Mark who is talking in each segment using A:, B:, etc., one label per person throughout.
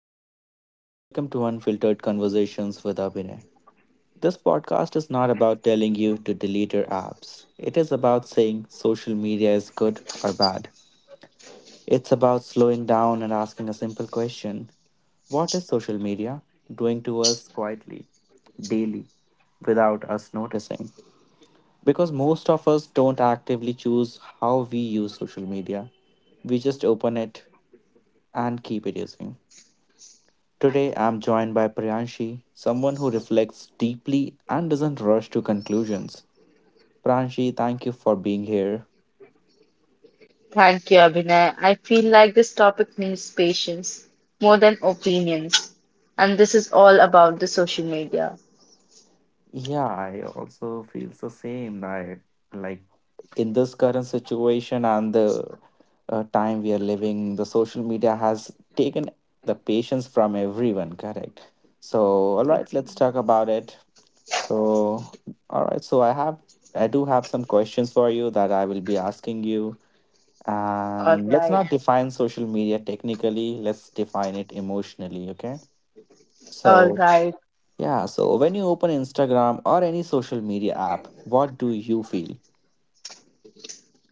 A: everyone. Welcome to Unfiltered Conversations with Abhinay. This podcast is not about telling you to delete your apps. It is about saying social media is good or bad. It's about slowing down and asking a simple question. What is social media doing to us quietly, daily, without us noticing? Because most of us don't actively choose how we use social media, we just open it and keep it using. Today, I'm joined by Priyanshi, someone who reflects deeply and doesn't rush to conclusions. Priyanshi, thank you for being here.
B: Thank you, Abhinay. I feel like this topic needs patience more than opinions. And this is all about the social media.
A: Yeah, I also feel the same. I like in this current situation and the time we are living, the social media has taken the patience from everyone, correct? So, all right, let's talk about it. So, all right, so I do have some questions for you that I will be asking you.
B: All
A: And let's
B: right.
A: not define social media technically, let's define it emotionally, okay?
B: All
A: So,
B: right.
A: yeah, so when you open Instagram or any social media app, what do you feel?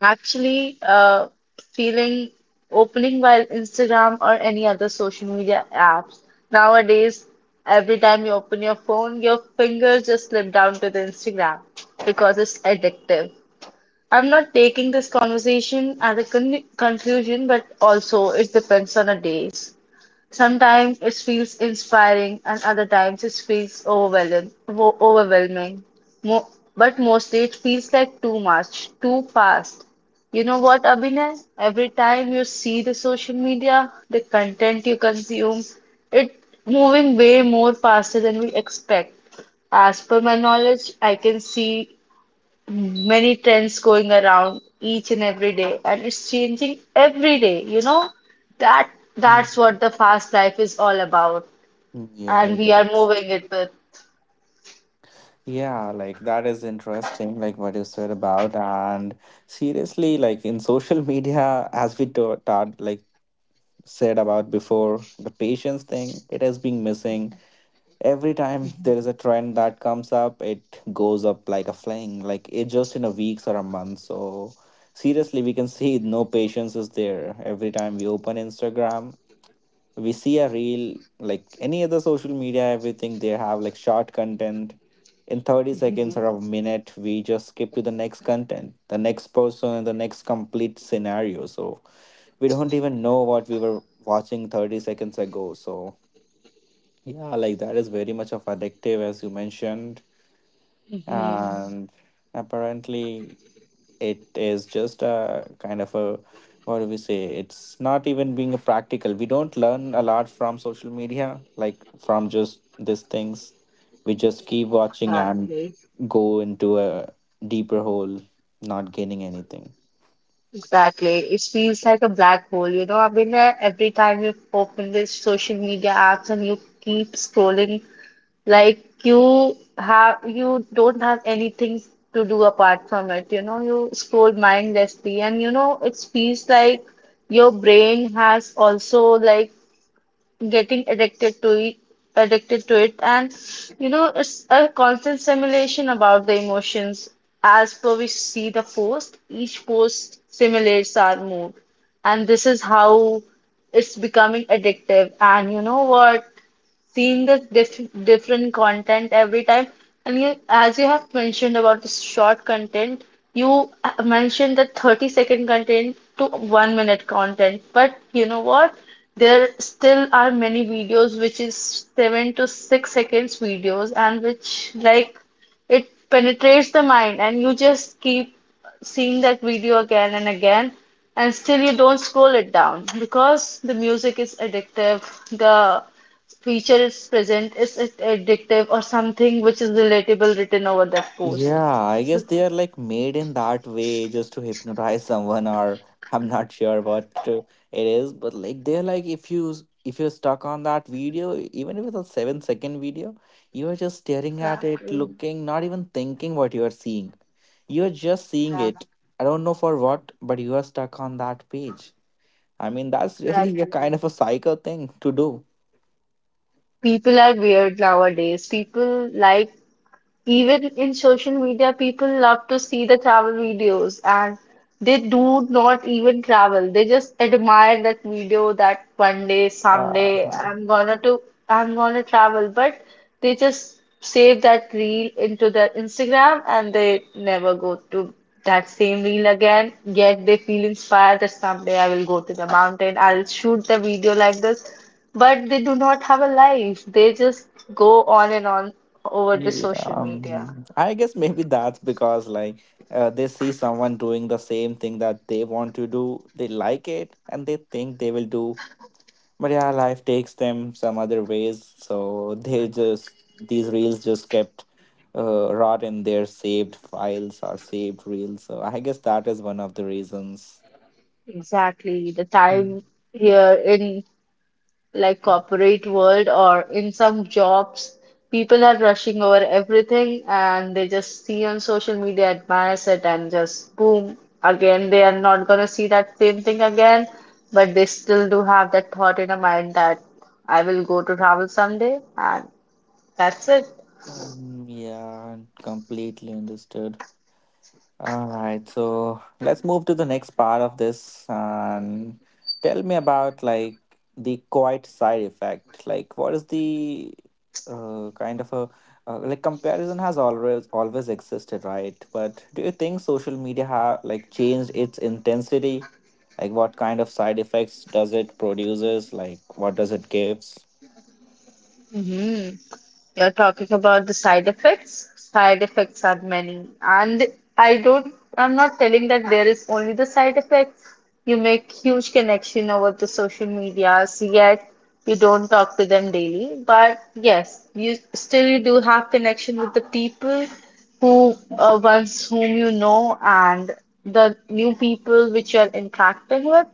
B: Actually, feeling opening while Instagram or any other social media apps. Nowadays, every time you open your phone, your fingers just slip down to the Instagram because it's addictive. I'm not taking this conversation as a conclusion, but also it depends on a days. Sometimes it feels inspiring, and other times it feels overwhelming. Mo- but mostly it feels like too much, too fast. You know what, Abhinay? Every time you see the social media, the content you consume, it moving way more faster than we expect. As per my knowledge, I can see many trends going around each and every day, and it's changing every day, you know, that that's
A: Mhm.
B: what the fast life is all about,
A: Mm. Yeah, I
B: and we are
A: guess.
B: moving it with.
A: Yeah, like that is interesting, like what you said about. And seriously, like in social media, as we said about before, the patience thing, it has been missing. Every time there is a trend that comes up, it goes up like a flame, like it just in a weeks or a month. So seriously, we can see no patience is there. Every time we open Instagram, we see a reel, like any other social media. Everything they have like short content. In 30 seconds or a minute, we just skip to the next content, the next person, and the next complete scenario. So we don't even know what we were watching 30 seconds ago. So yeah, like that is very much of addictive as you mentioned.
B: Mhm.
A: Mm. And apparently it is just a kind of a, what do we say? It's not even being a practical. We don't learn a lot from social media, like from just these things. We just keep watching and
B: Exactly.
A: go into a deeper hole, not gaining anything.
B: Exactly, it feels like a black hole, you know. I mean, every time you open this social media apps and you keep scrolling. Like you don't have anything to do apart from it. You know, you scroll mindlessly, and you know it feels like your brain has also like getting addicted to it, and you know it's a constant simulation about the emotions. As per we see the post, each post simulates our mood, and this is how it's becoming addictive. And you know what, seeing the different content every time. And you, as you have mentioned about the short content, you mentioned the 30-second content to 1 minute content. But you know what? There still are many videos which is 7 to 6 seconds videos, and which like it penetrates the mind and you just keep seeing that video again and again, and still you don't scroll it down because the music is addictive, the feature is present, is it addictive, or something which is relatable written over that post?
A: Yeah, I guess they are like made in that way just to hypnotize someone, or I'm not sure it is, but like they're like if if you're stuck on that video, even if it's a 7 second video, you are just staring at it, looking, not even thinking what you are seeing. You are just seeing it. I don't know for what, but you are stuck on that page. I mean, that's really a kind of a psycho thing to do.
B: People are weird nowadays. People like Even in social media, people love to see the travel videos, and they do not even travel. They just admire that video that one day, someday,
A: Uh-huh.
B: I'm gonna travel, but they just save that reel into their Instagram, and they never go to that same reel again. Yet they feel inspired that someday I will go to the mountain, I'll shoot the video like this. But they do not have a life. They just go on and on over the
A: Yeah,
B: social media.
A: I guess maybe that's because like they see someone doing the same thing that they want to do, they like it, and they think they will do. But yeah, life takes them some other ways, so they just these reels just kept rot in their saved files or saved reels. So I guess that is one of the reasons.
B: Exactly. The
A: Mm.
B: time here in like corporate world or in some jobs, people are rushing over everything, and they just see on social media, admires it, and just boom. Again, they are not gonna see that same thing again, but they still do have that thought in a mind that I will go to travel someday, and that's it.
A: Um, yeah, completely understood. All right, so let's move to the next part of this and tell me about like the quiet side effect. Like, what is the kind of a like comparison has always always existed, right? But do you think social media have like changed its intensity? Like, what kind of side effects does it produces? Like, what does it gives?
B: Hmm. You're talking about the side effects. Side effects are many, and I'm not telling that there is only the side effects. You make huge connection over the social medias, yet you don't talk to them daily. But yes, you still you do have connection with the people who ones whom you know, and the new people which you're interacting with.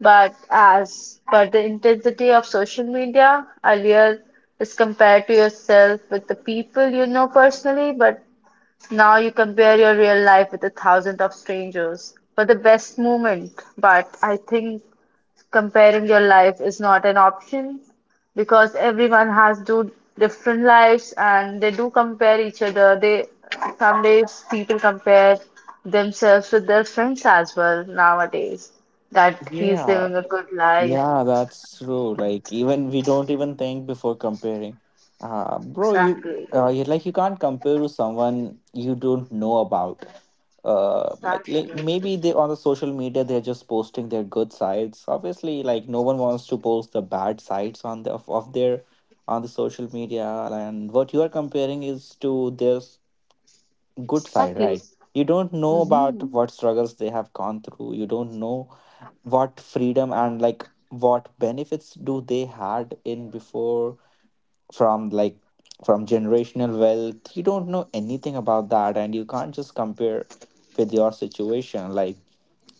B: But as per the intensity of social media, earlier is compared to yourself with the people you know personally, but now you compare your real life with 1,000 of strangers for the best moment. But I think comparing your life is not an option, because everyone has two different lives and they do compare each other. They Some days people compare themselves with their friends as well nowadays, that he's
A: Yeah.
B: living a good life.
A: Yeah, that's true. Like even we don't even think before comparing. Bro,
B: Exactly.
A: you like you can't compare to someone you don't know about. Like
B: Exactly.
A: maybe they on the social media they're just posting their good sides. Obviously, like no one wants to post the bad sides on of their on the social media. And what you are comparing is to their good side,
B: Exactly.
A: right? You don't know about what struggles they have gone through. You don't know what freedom and like what benefits do they had in before, from like from generational wealth. You don't know anything about that and you can't just compare with your situation. Like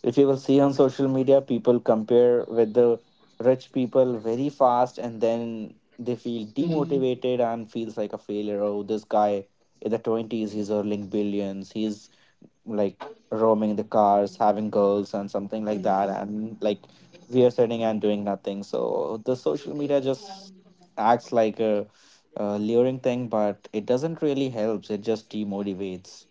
A: if you will see on social media, people compare with the rich people very fast, and then they feel demotivated and feels like a failure. Oh, this guy in the 20s, he's earning billions, he's like roaming the cars, having girls and something like that, and like we are sitting and doing nothing. So the social media just acts like a luring thing, but it doesn't really helps. It just demotivates.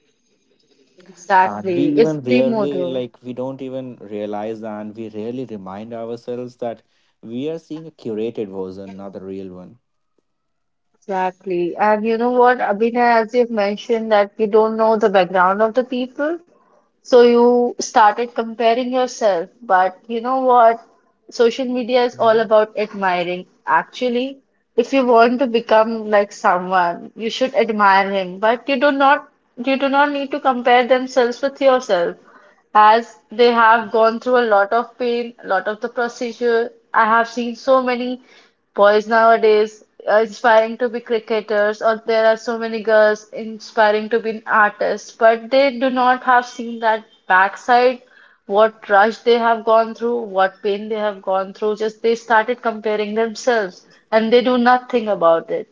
A: And we
B: Exactly. It's
A: even rarely,
B: primordial.
A: like we don't even realize and we rarely remind ourselves that we are seeing a curated version, not the real one.
B: Exactly. And you know what, Abhinay, as you've mentioned that you don't know the background of the people. So you started comparing yourself, but you know what? Social media is all
A: Mhm.
B: about admiring. Actually, if you want to become like someone, you should admire him, but you do not need to compare themselves with yourself, as they have gone through a lot of pain, a lot of the procedure. I have seen so many boys nowadays are inspiring to be cricketers, or there are so many girls inspiring to be artists, but they do not have seen that backside, what rush they have gone through, what pain they have gone through. Just they started comparing themselves and they do nothing about it.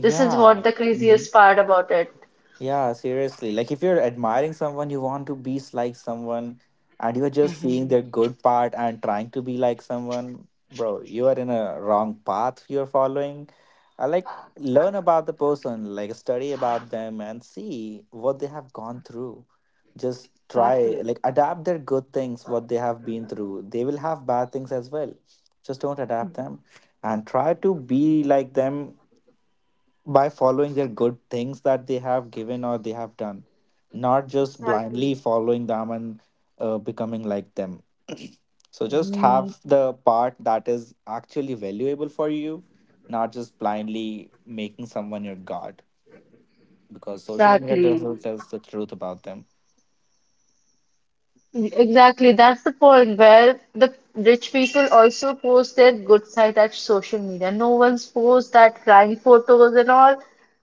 B: This is what the
A: Mhm.
B: craziest part about it.
A: Yeah, seriously. Like if you're admiring someone, you want to be like someone and you're just seeing their good part and trying to be like someone, bro, you are in a wrong path you're following. I learn about the person, like study about them and see what they have gone through. Just try like adapt their good things what they have been through. They will have bad things as well. Just don't adapt them and try to be like them by following their good things that they have given or they have done, not just blindly following them and becoming like them. So just have the part that is actually valuable for you, not just blindly making someone your god. Because social media doesn't tell the truth about them.
B: Exactly, that's the point where the rich people also post their good side at social media. No one's post that crying photos and all,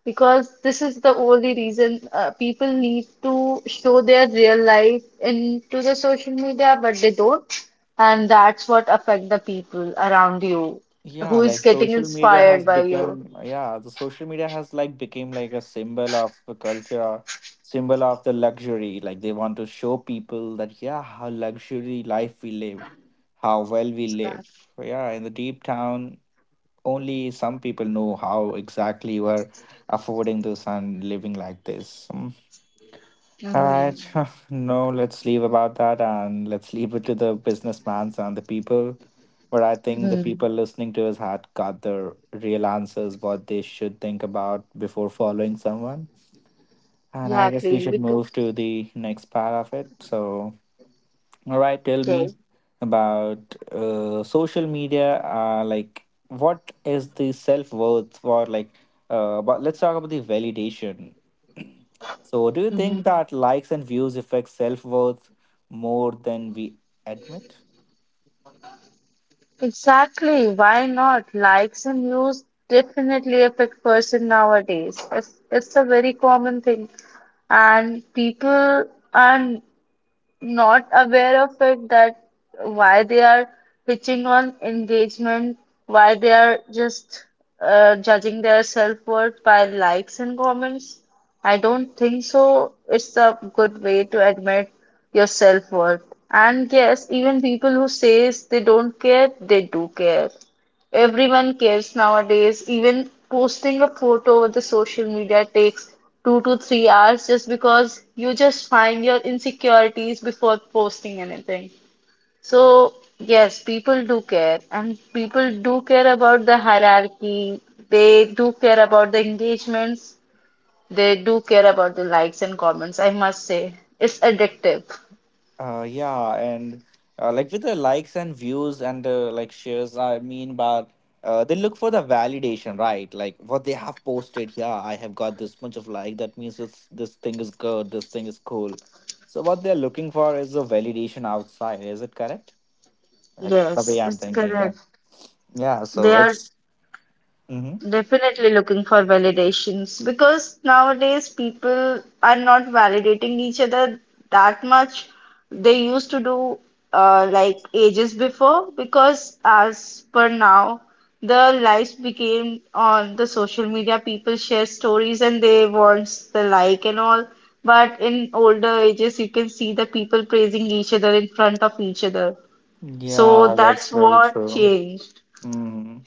B: because this is the only reason people need to show their real life into the social media, but they don't, and that's what affect the people around you
A: Yeah,
B: who is
A: like
B: getting
A: social media has
B: inspired by you.
A: become, yeah, the social media has like became like a symbol of the culture, symbol of the luxury. Like they want to show people that, yeah, how luxury life we live, how well we live. Yeah, in the deep down, only some people know how exactly we're affording this and living like this. Mm. All right. No, let's leave about that and let's leave it to the businessmans and the people. But I think the people listening to us had got the real answers what they should think about before following someone. And I guess we should move to the next part of it. So, all right, tell me about social media. Like, what is the self worth for like? But let's talk about the validation. So, do you think that likes and views affect self worth more than we admit?
B: Exactly. Why not? Likes and views definitely affect person nowadays. It's a very common thing, and people are not aware of it, that why they are pitching on engagement, why they are just judging their self-worth by likes and comments. I don't think so. It's a good way to admit your self-worth. And yes, even people who says they don't care, they do care. Everyone cares nowadays. Even posting a photo over the social media takes 2 to 3 hours, just because you just find your insecurities before posting anything. So yes, people do care, and people do care about the hierarchy. They do care about the engagements. They do care about the likes and comments, I must say. It's addictive.
A: Yeah, and like with the likes and views and like shares, I mean, but they look for the validation, right? Like what they have posted. Yeah, I have got this much of like. That means this thing is good. This thing is cool. So what they're looking for is a validation outside. Is it correct? Like the way
B: Yes,
A: I'm
B: it's
A: thinking. Yeah.
B: correct.
A: Yeah.
B: They
A: So
B: are
A: it's. Hmm.
B: definitely looking for validations, because nowadays people are not validating each other that much. They used to do like ages before, because as per now, the lives became on the social media. People share stories and they wants the like and all. But in older ages, you can see the people praising each other in front of each other. So
A: Yeah, that's
B: that's
A: very
B: what
A: true.
B: changed.
A: Hmm.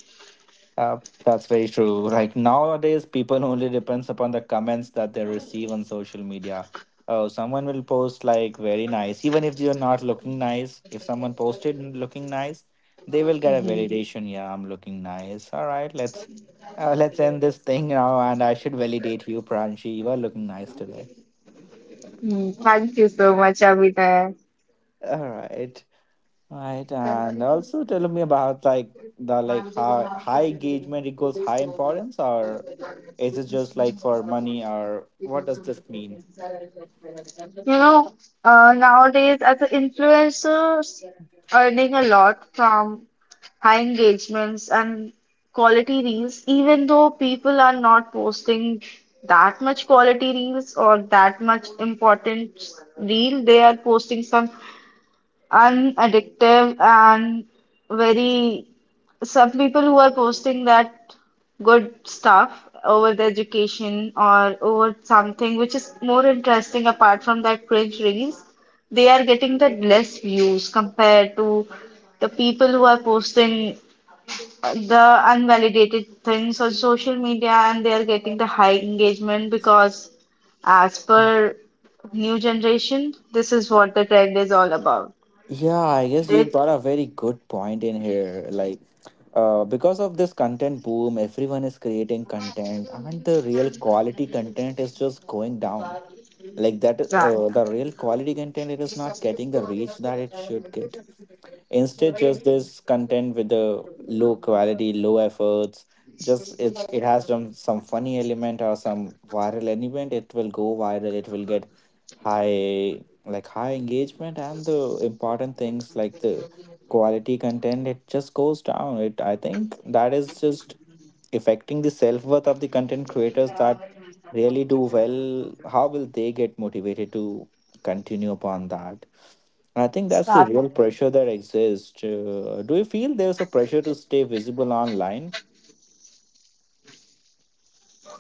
A: Uh, that's very true. Like nowadays, people only depends upon the comments that they receive on social media. Oh, someone will post like very nice, even if you're not looking nice. If someone posted looking nice, they will get a validation. Yeah, I'm looking nice. All right, let's end this thing now, and I should validate you, Pranshi. You are looking nice today.
B: Mm, thank you so much, Abhinay.
A: All right. Right, and also tell me about like the like how high engagement equals high importance, or is it just like for money, or what does this mean?
B: You know, nowadays as an influencer, earning a lot from high engagements and quality reels, even though people are not posting that much quality reels or that much important reel, they are posting some unaddictive and very some people who are posting that good stuff over the education or over something which is more interesting apart from that cringe reels, they are getting the less views compared to the people who are posting the unvalidated things on social media, and they are getting the high engagement, because as per new generation, this is what the trend is all about.
A: Yeah, I guess you
B: It
A: got a very good point in here. Because of this content boom, everyone is creating content, and the real quality content is just going down. Like that,
B: Right.
A: the real quality content it is not getting the reach that it should get. Instead just this content with the low quality low efforts, just it's it has some funny element or some viral element, it will go viral, it will get high like high engagement, and the important things like the quality content it just goes down. It, I think that is just affecting the self-worth of the content creators that really do well. How will they get motivated to continue upon that? I think that's the
B: Start.
A: real pressure that exists. Do you feel there's a pressure to stay visible online?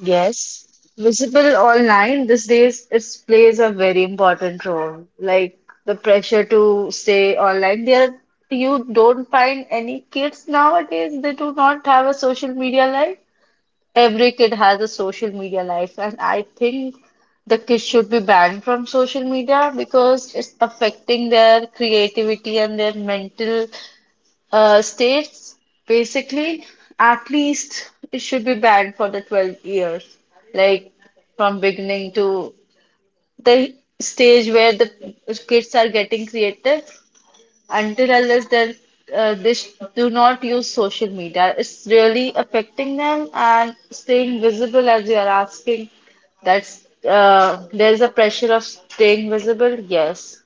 B: Yes. Visible online these days, it plays a very important role. Like the pressure to stay online. There, you don't find any kids nowadays. They do not have a social media life. Every kid has a social media life, and I think the kids should be banned from social media because it's affecting their creativity and their mental. States basically, at least it should be banned for the 12 years, like from beginning to the stage where the kids are getting creative, until unless they do not use social media. It's really affecting them. And staying visible, as you are asking, that's there's a pressure of staying visible. Yes.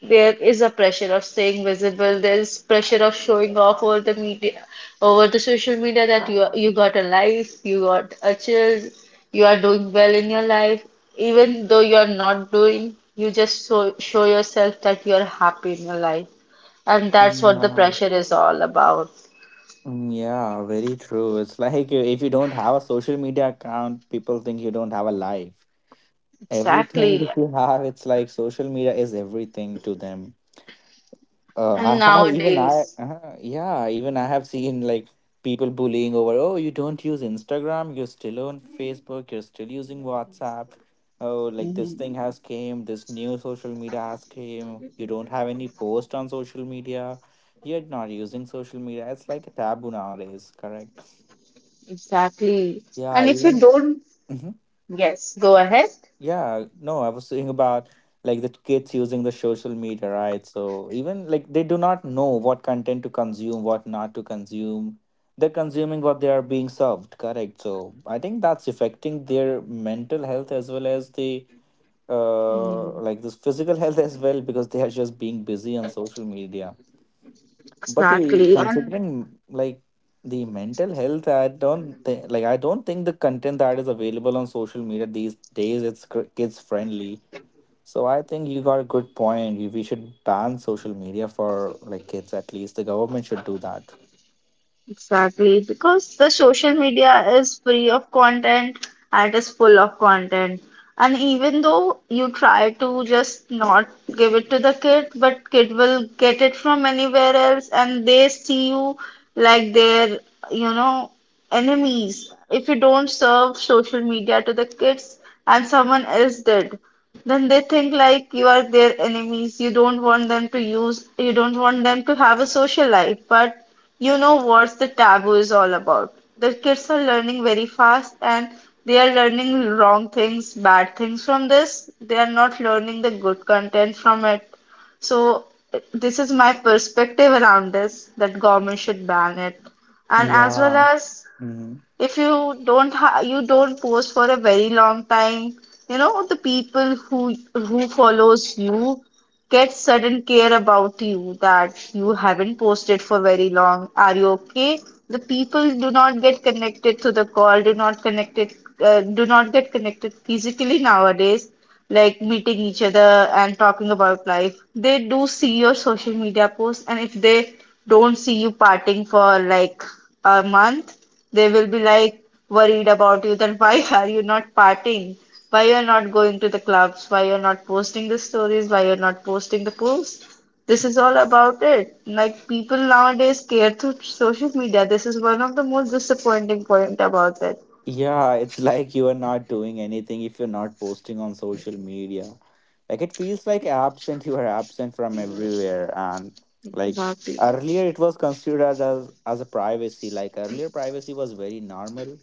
B: There is a pressure of staying visible. There is pressure of showing off over the media, over the social media, that you got a life, you got a child, you are doing well in your life. Even though you are not doing, you just show yourself that you are happy in your life. And that's what the
A: Yeah.
B: pressure is all about.
A: Mm. Yeah, very true. It's like if you don't have a social media account, people think you don't have a life. Everything
B: Exactly.
A: that you have, it's like social media is everything to them. Uh,
B: And nowadays,
A: even I have seen like people bullying over, oh, you don't use Instagram, you're still on Facebook, you're still using WhatsApp. Oh, like this thing has came, this new social media has came. You don't have any post on social media. You're not using social media. It's like a taboo nowadays, correct?
B: exactly.
A: Yeah,
B: And if you
A: even.
B: don't
A: Mm-hmm.
B: go ahead,
A: Yeah, no, I was saying about like the kids using the social media, right? So even like they do not know what content to consume, what not to consume. They're consuming what they are being served, correct? So I think that's affecting their mental health as well as the like this physical health as well because they are just being busy on social media. But the
B: exactly. And
A: considering like the mental health, I don't think the content that is available on social media these days it's kids friendly, so I think you got a good point. We should ban social media for like kids. At least the government should do that.
B: exactly, because the social media is free of content and is full of content. And even though you try to just not give it to the kid, but kid will get it from anywhere else, and they see you like their, you know, enemies. If you don't serve social media to the kids and someone else did. Then they think like you are their enemies. You don't want them to use, you don't want them to have a social life. But you know what the taboo is all about. The kids are learning very fast, and they are learning wrong things, bad things from this. They are not learning the good content from it. So this is my perspective around this, that government should ban it. And as well
A: Yeah.
B: as,
A: Mhm.
B: if you don't post for a very long time, you know, the people who follows you get sudden care about you, that you haven't posted for very long. Are you okay? The people do not get connected to the call, do not get connected physically nowadays, like meeting each other and talking about life. They do see your social media posts, and if they don't see you parting for like a month, they will be like worried about you, that why are you not partying? Why you're not going to the clubs? Why you're not posting the stories? Why you're not posting the posts? This is all about it. Like people nowadays care through social media. This is one of the most disappointing point about it.
A: Yeah, it's like you are not doing anything if you're not posting on social media. Like it feels like absent, you are absent from everywhere. And like earlier, it was considered as a privacy. Like earlier, privacy was very normal.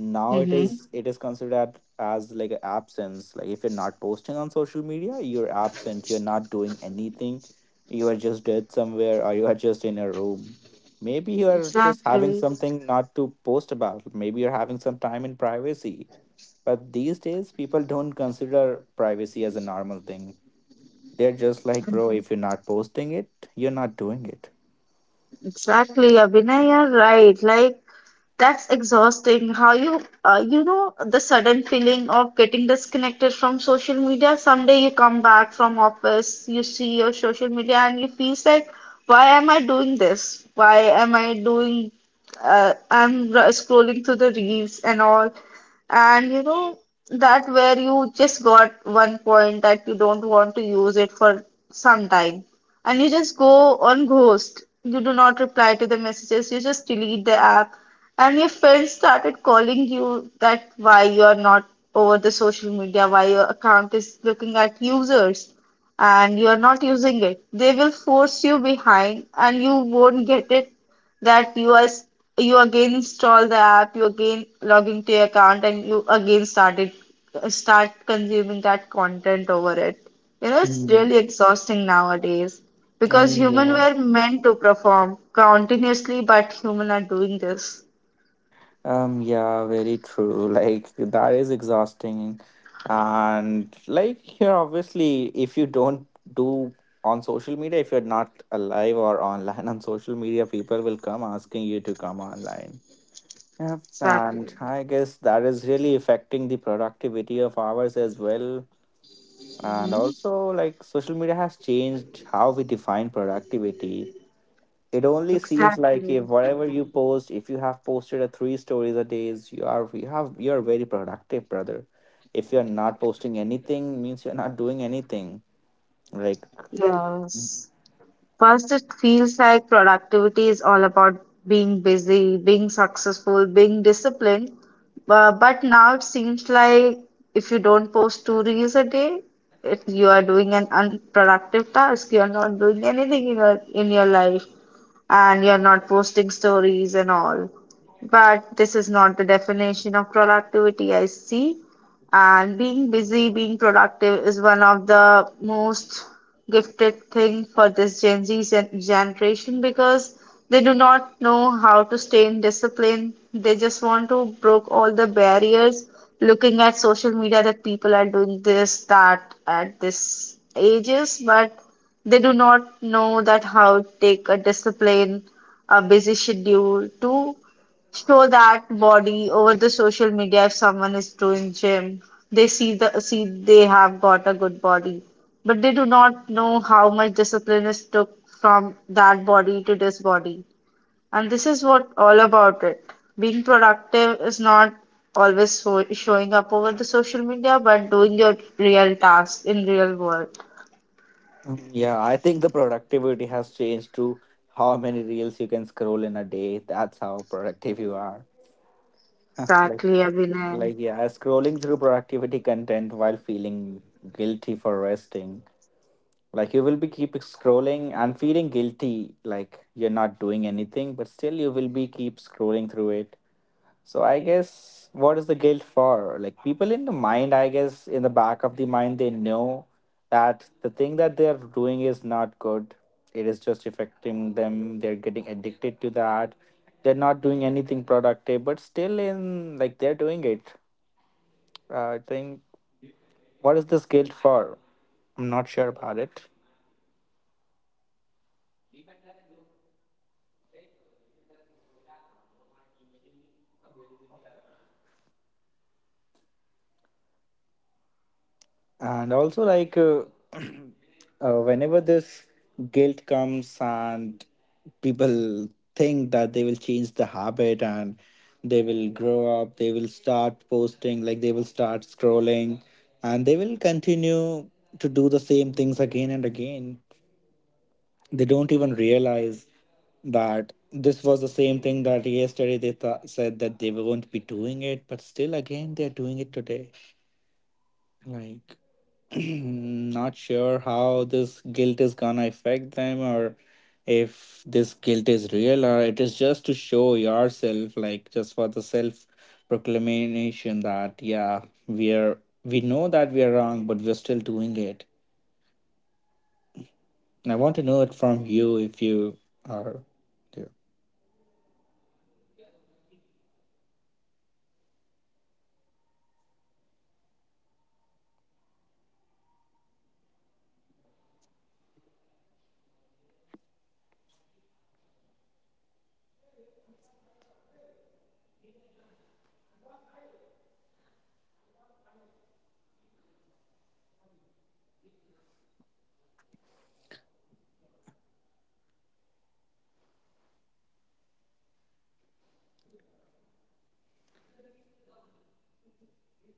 A: Now
B: Mm-hmm.
A: it is considered as like a absence. Like if you're not posting on social media, you're absent. You're not doing anything. You are just dead somewhere, or you are just in a room. Maybe you're just having
B: Exactly.
A: something not to post about. Maybe you're having some time in privacy. But these days, people don't consider privacy as a normal thing. They're just like, bro, if you're not posting it, you're not doing it.
B: Exactly, Abhinay, you're right. Like, that's exhausting. How you, the sudden feeling of getting disconnected from social media. Someday you come back from office, you see your social media, and you feel like, why am I doing this? Why am I doing? I'm scrolling through the reels and all, and you know that where you just got one point that you don't want to use it for some time, and you just go on ghost. You do not reply to the messages. You just delete the app, and your friends started calling you, that why you are not over the social media, why your account is looking at users and you are not using it. They will force you behind and you won't get it, that you again install the app, you again log into your account, and you again start consuming that content over it. You know, it's
A: Mm,
B: really exhausting nowadays, because
A: um,
B: human
A: yeah.
B: were meant to perform continuously, but human are doing this.
A: Yeah, very true. Like, that is exhausting. And, like, here, obviously, if you don't do on social media, if you're not alive or online on social media, people will come asking you to come online. Yeah, and I guess that is really affecting the productivity of ours as well. And also, like, social media has changed how we define productivity. It only seems like if whatever you post, if you have posted a three stories a days, you're very productive, brother. If you're not posting anything, means you're not doing anything. Like,
B: Yes. First, it feels like productivity is all about being busy, being successful, being disciplined. But now it seems like if you don't post 2 reels a day, if you are doing an unproductive task, you are not doing anything in your life, and you're not posting stories and all. But this is not the definition of productivity, I see. And being busy, being productive is one of the most gifted thing for this Gen Z generation, because they do not know how to stay in discipline. They just want to broke all the barriers. Looking at social media that people are doing this, that at this ages, but they do not know that how to take a discipline, a busy schedule to show that body over the social media if someone is doing gym. They see they have got a good body, but they do not know how much discipline is took from that body to this body. And this is what all about it. Being productive is not always so, showing up over the social media, but doing your real task in real world.
A: yeah, I think the productivity has changed to how many reels you can scroll in a day. That's how productive you are. like
B: Exactly, Abhinay.
A: Like, yeah, scrolling through productivity content while feeling guilty for resting. Like, you will be keep scrolling and feeling guilty, like you're not doing anything, but still you will be keep scrolling through it. So, I guess what is the guilt for? Like, people in the mind, I guess, in the back of the mind, they know that the thing that they're doing is not good. It is just affecting them. They're getting addicted to that. They're not doing anything productive, but still, in like, they're doing it. I think what is this guilt for? I'm not sure about it. And also, like, whenever this guilt comes and people think that they will change the habit and they will grow up, they will start posting, like, they will start scrolling, and they will continue to do the same things again and again. They don't even realize that this was the same thing that yesterday said that they won't be doing it, but still again they're doing it today. Like, not sure how this guilt is gonna affect them, or if this guilt is real or it is just to show yourself, like just for the self proclamation that yeah, we know that we are wrong but we're still doing it. And I want to know it from you if you are.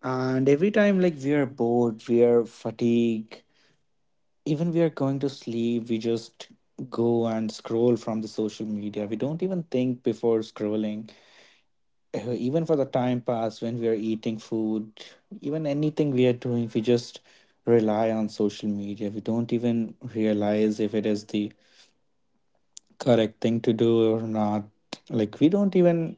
A: And every time, like, we are bored, we are fatigued, even we are going to sleep, we just go and scroll from the social media. We don't even think before scrolling. Even for the time pass when we are eating food, even anything we are doing, we just rely on social media. We don't even realize if it is the correct thing to do or not. Like, we don't even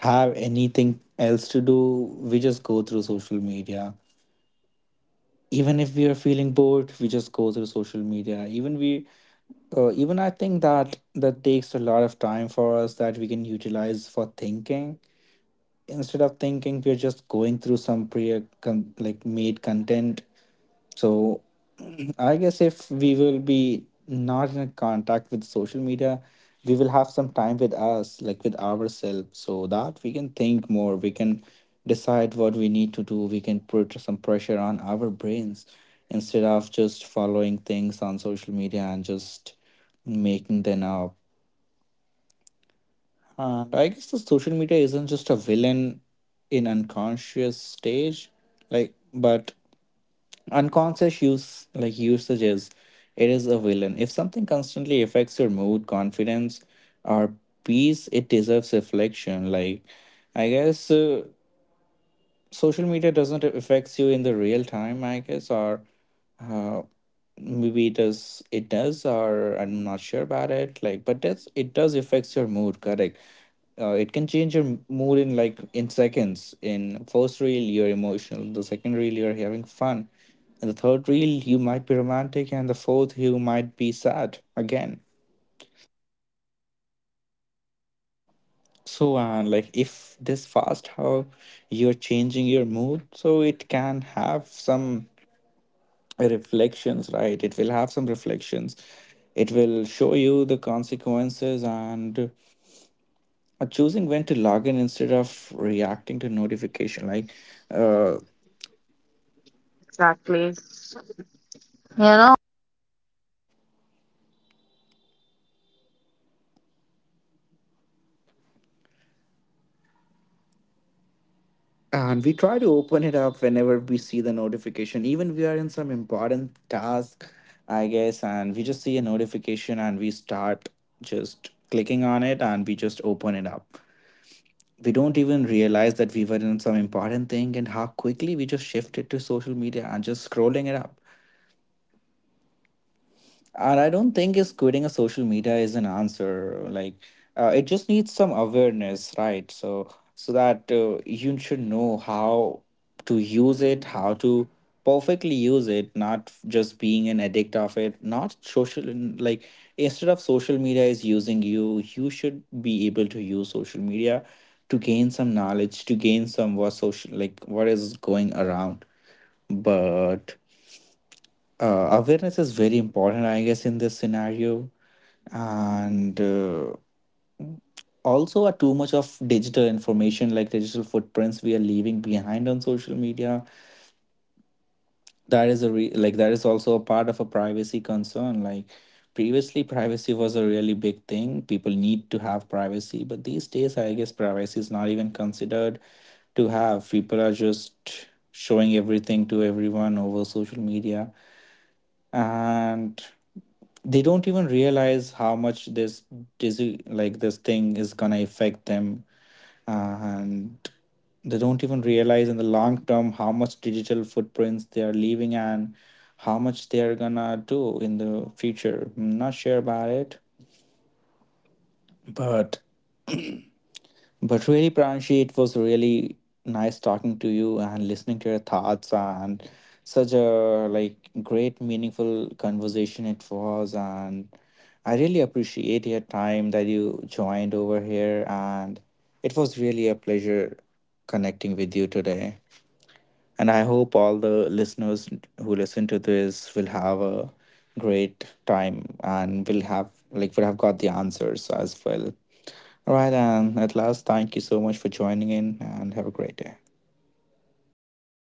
A: have anything else to do. We just go through social media even if we are feeling bored. We just go through social media even we even I think that takes a lot of time for us that we can utilize for thinking. Instead of thinking we're just going through some like made content. So I guess if we will be not in contact with social media, we will have some time with us, like with ourselves, so that we can think more, we can decide what we need to do, we can put some pressure on our brains instead of just following things on social media and just making them up. And I guess the social media isn't just a villain in unconscious stage, like, but unconscious use like usage is it is a villain. If something constantly affects your mood, confidence, or peace, it deserves reflection. Like, I guess social media doesn't affects you in the real time I guess, or uh, maybe it does. Or I'm not sure about it, like, but that's it does affects your mood, correct? It can change your mood in like in seconds. In first reel you're emotional, the second reel you're having fun, and the third reel you might be romantic, and the fourth you might be sad again. So and like if this fast how you're changing your mood, so it can have some reflections, right? It will have some reflections. It will show you the consequences. And choosing when to log in instead of reacting to notification, like, uh, and we try to open it up whenever we see the notification, even we are in some important task I guess, and we just see a notification and we start just clicking on it and we just open it up. We don't even realize that we were in some important thing and how quickly we just shifted to social media and just scrolling it up. And I don't think is quitting a social media is an answer. Like, it just needs some awareness, right? So, that you should know how to use it, how to perfectly use it, not f- just being an addict of it. Not social, like, instead of social media is using you, you should be able to use social media to gain some knowledge, to gain some what social, like what is going around. But awareness is very important I guess in this scenario. And also a too much of digital information, like digital footprints we are leaving behind on social media, that is a re- like that is also a part of a privacy concern. Like previously privacy was a really big thing, people need to have privacy, but these days I guess privacy is not even considered to have. People are just showing everything to everyone over social media, and they don't even realize how much this disease like this thing is gonna affect them. uh, and they don't even realize in the long term how much digital footprints they are leaving, and how much they are gonna do in the future. I'm not sure about it, but But really, Pranshi, it was really nice talking to you and listening to your thoughts, and such a like great meaningful conversation it was, and I really appreciate your time that you joined over here, and it was really a pleasure connecting with you today. And I hope all the listeners who listen to this will have a great time and will have like would have got the answers as well. All right, and at last, thank you so much for joining in and have a great day.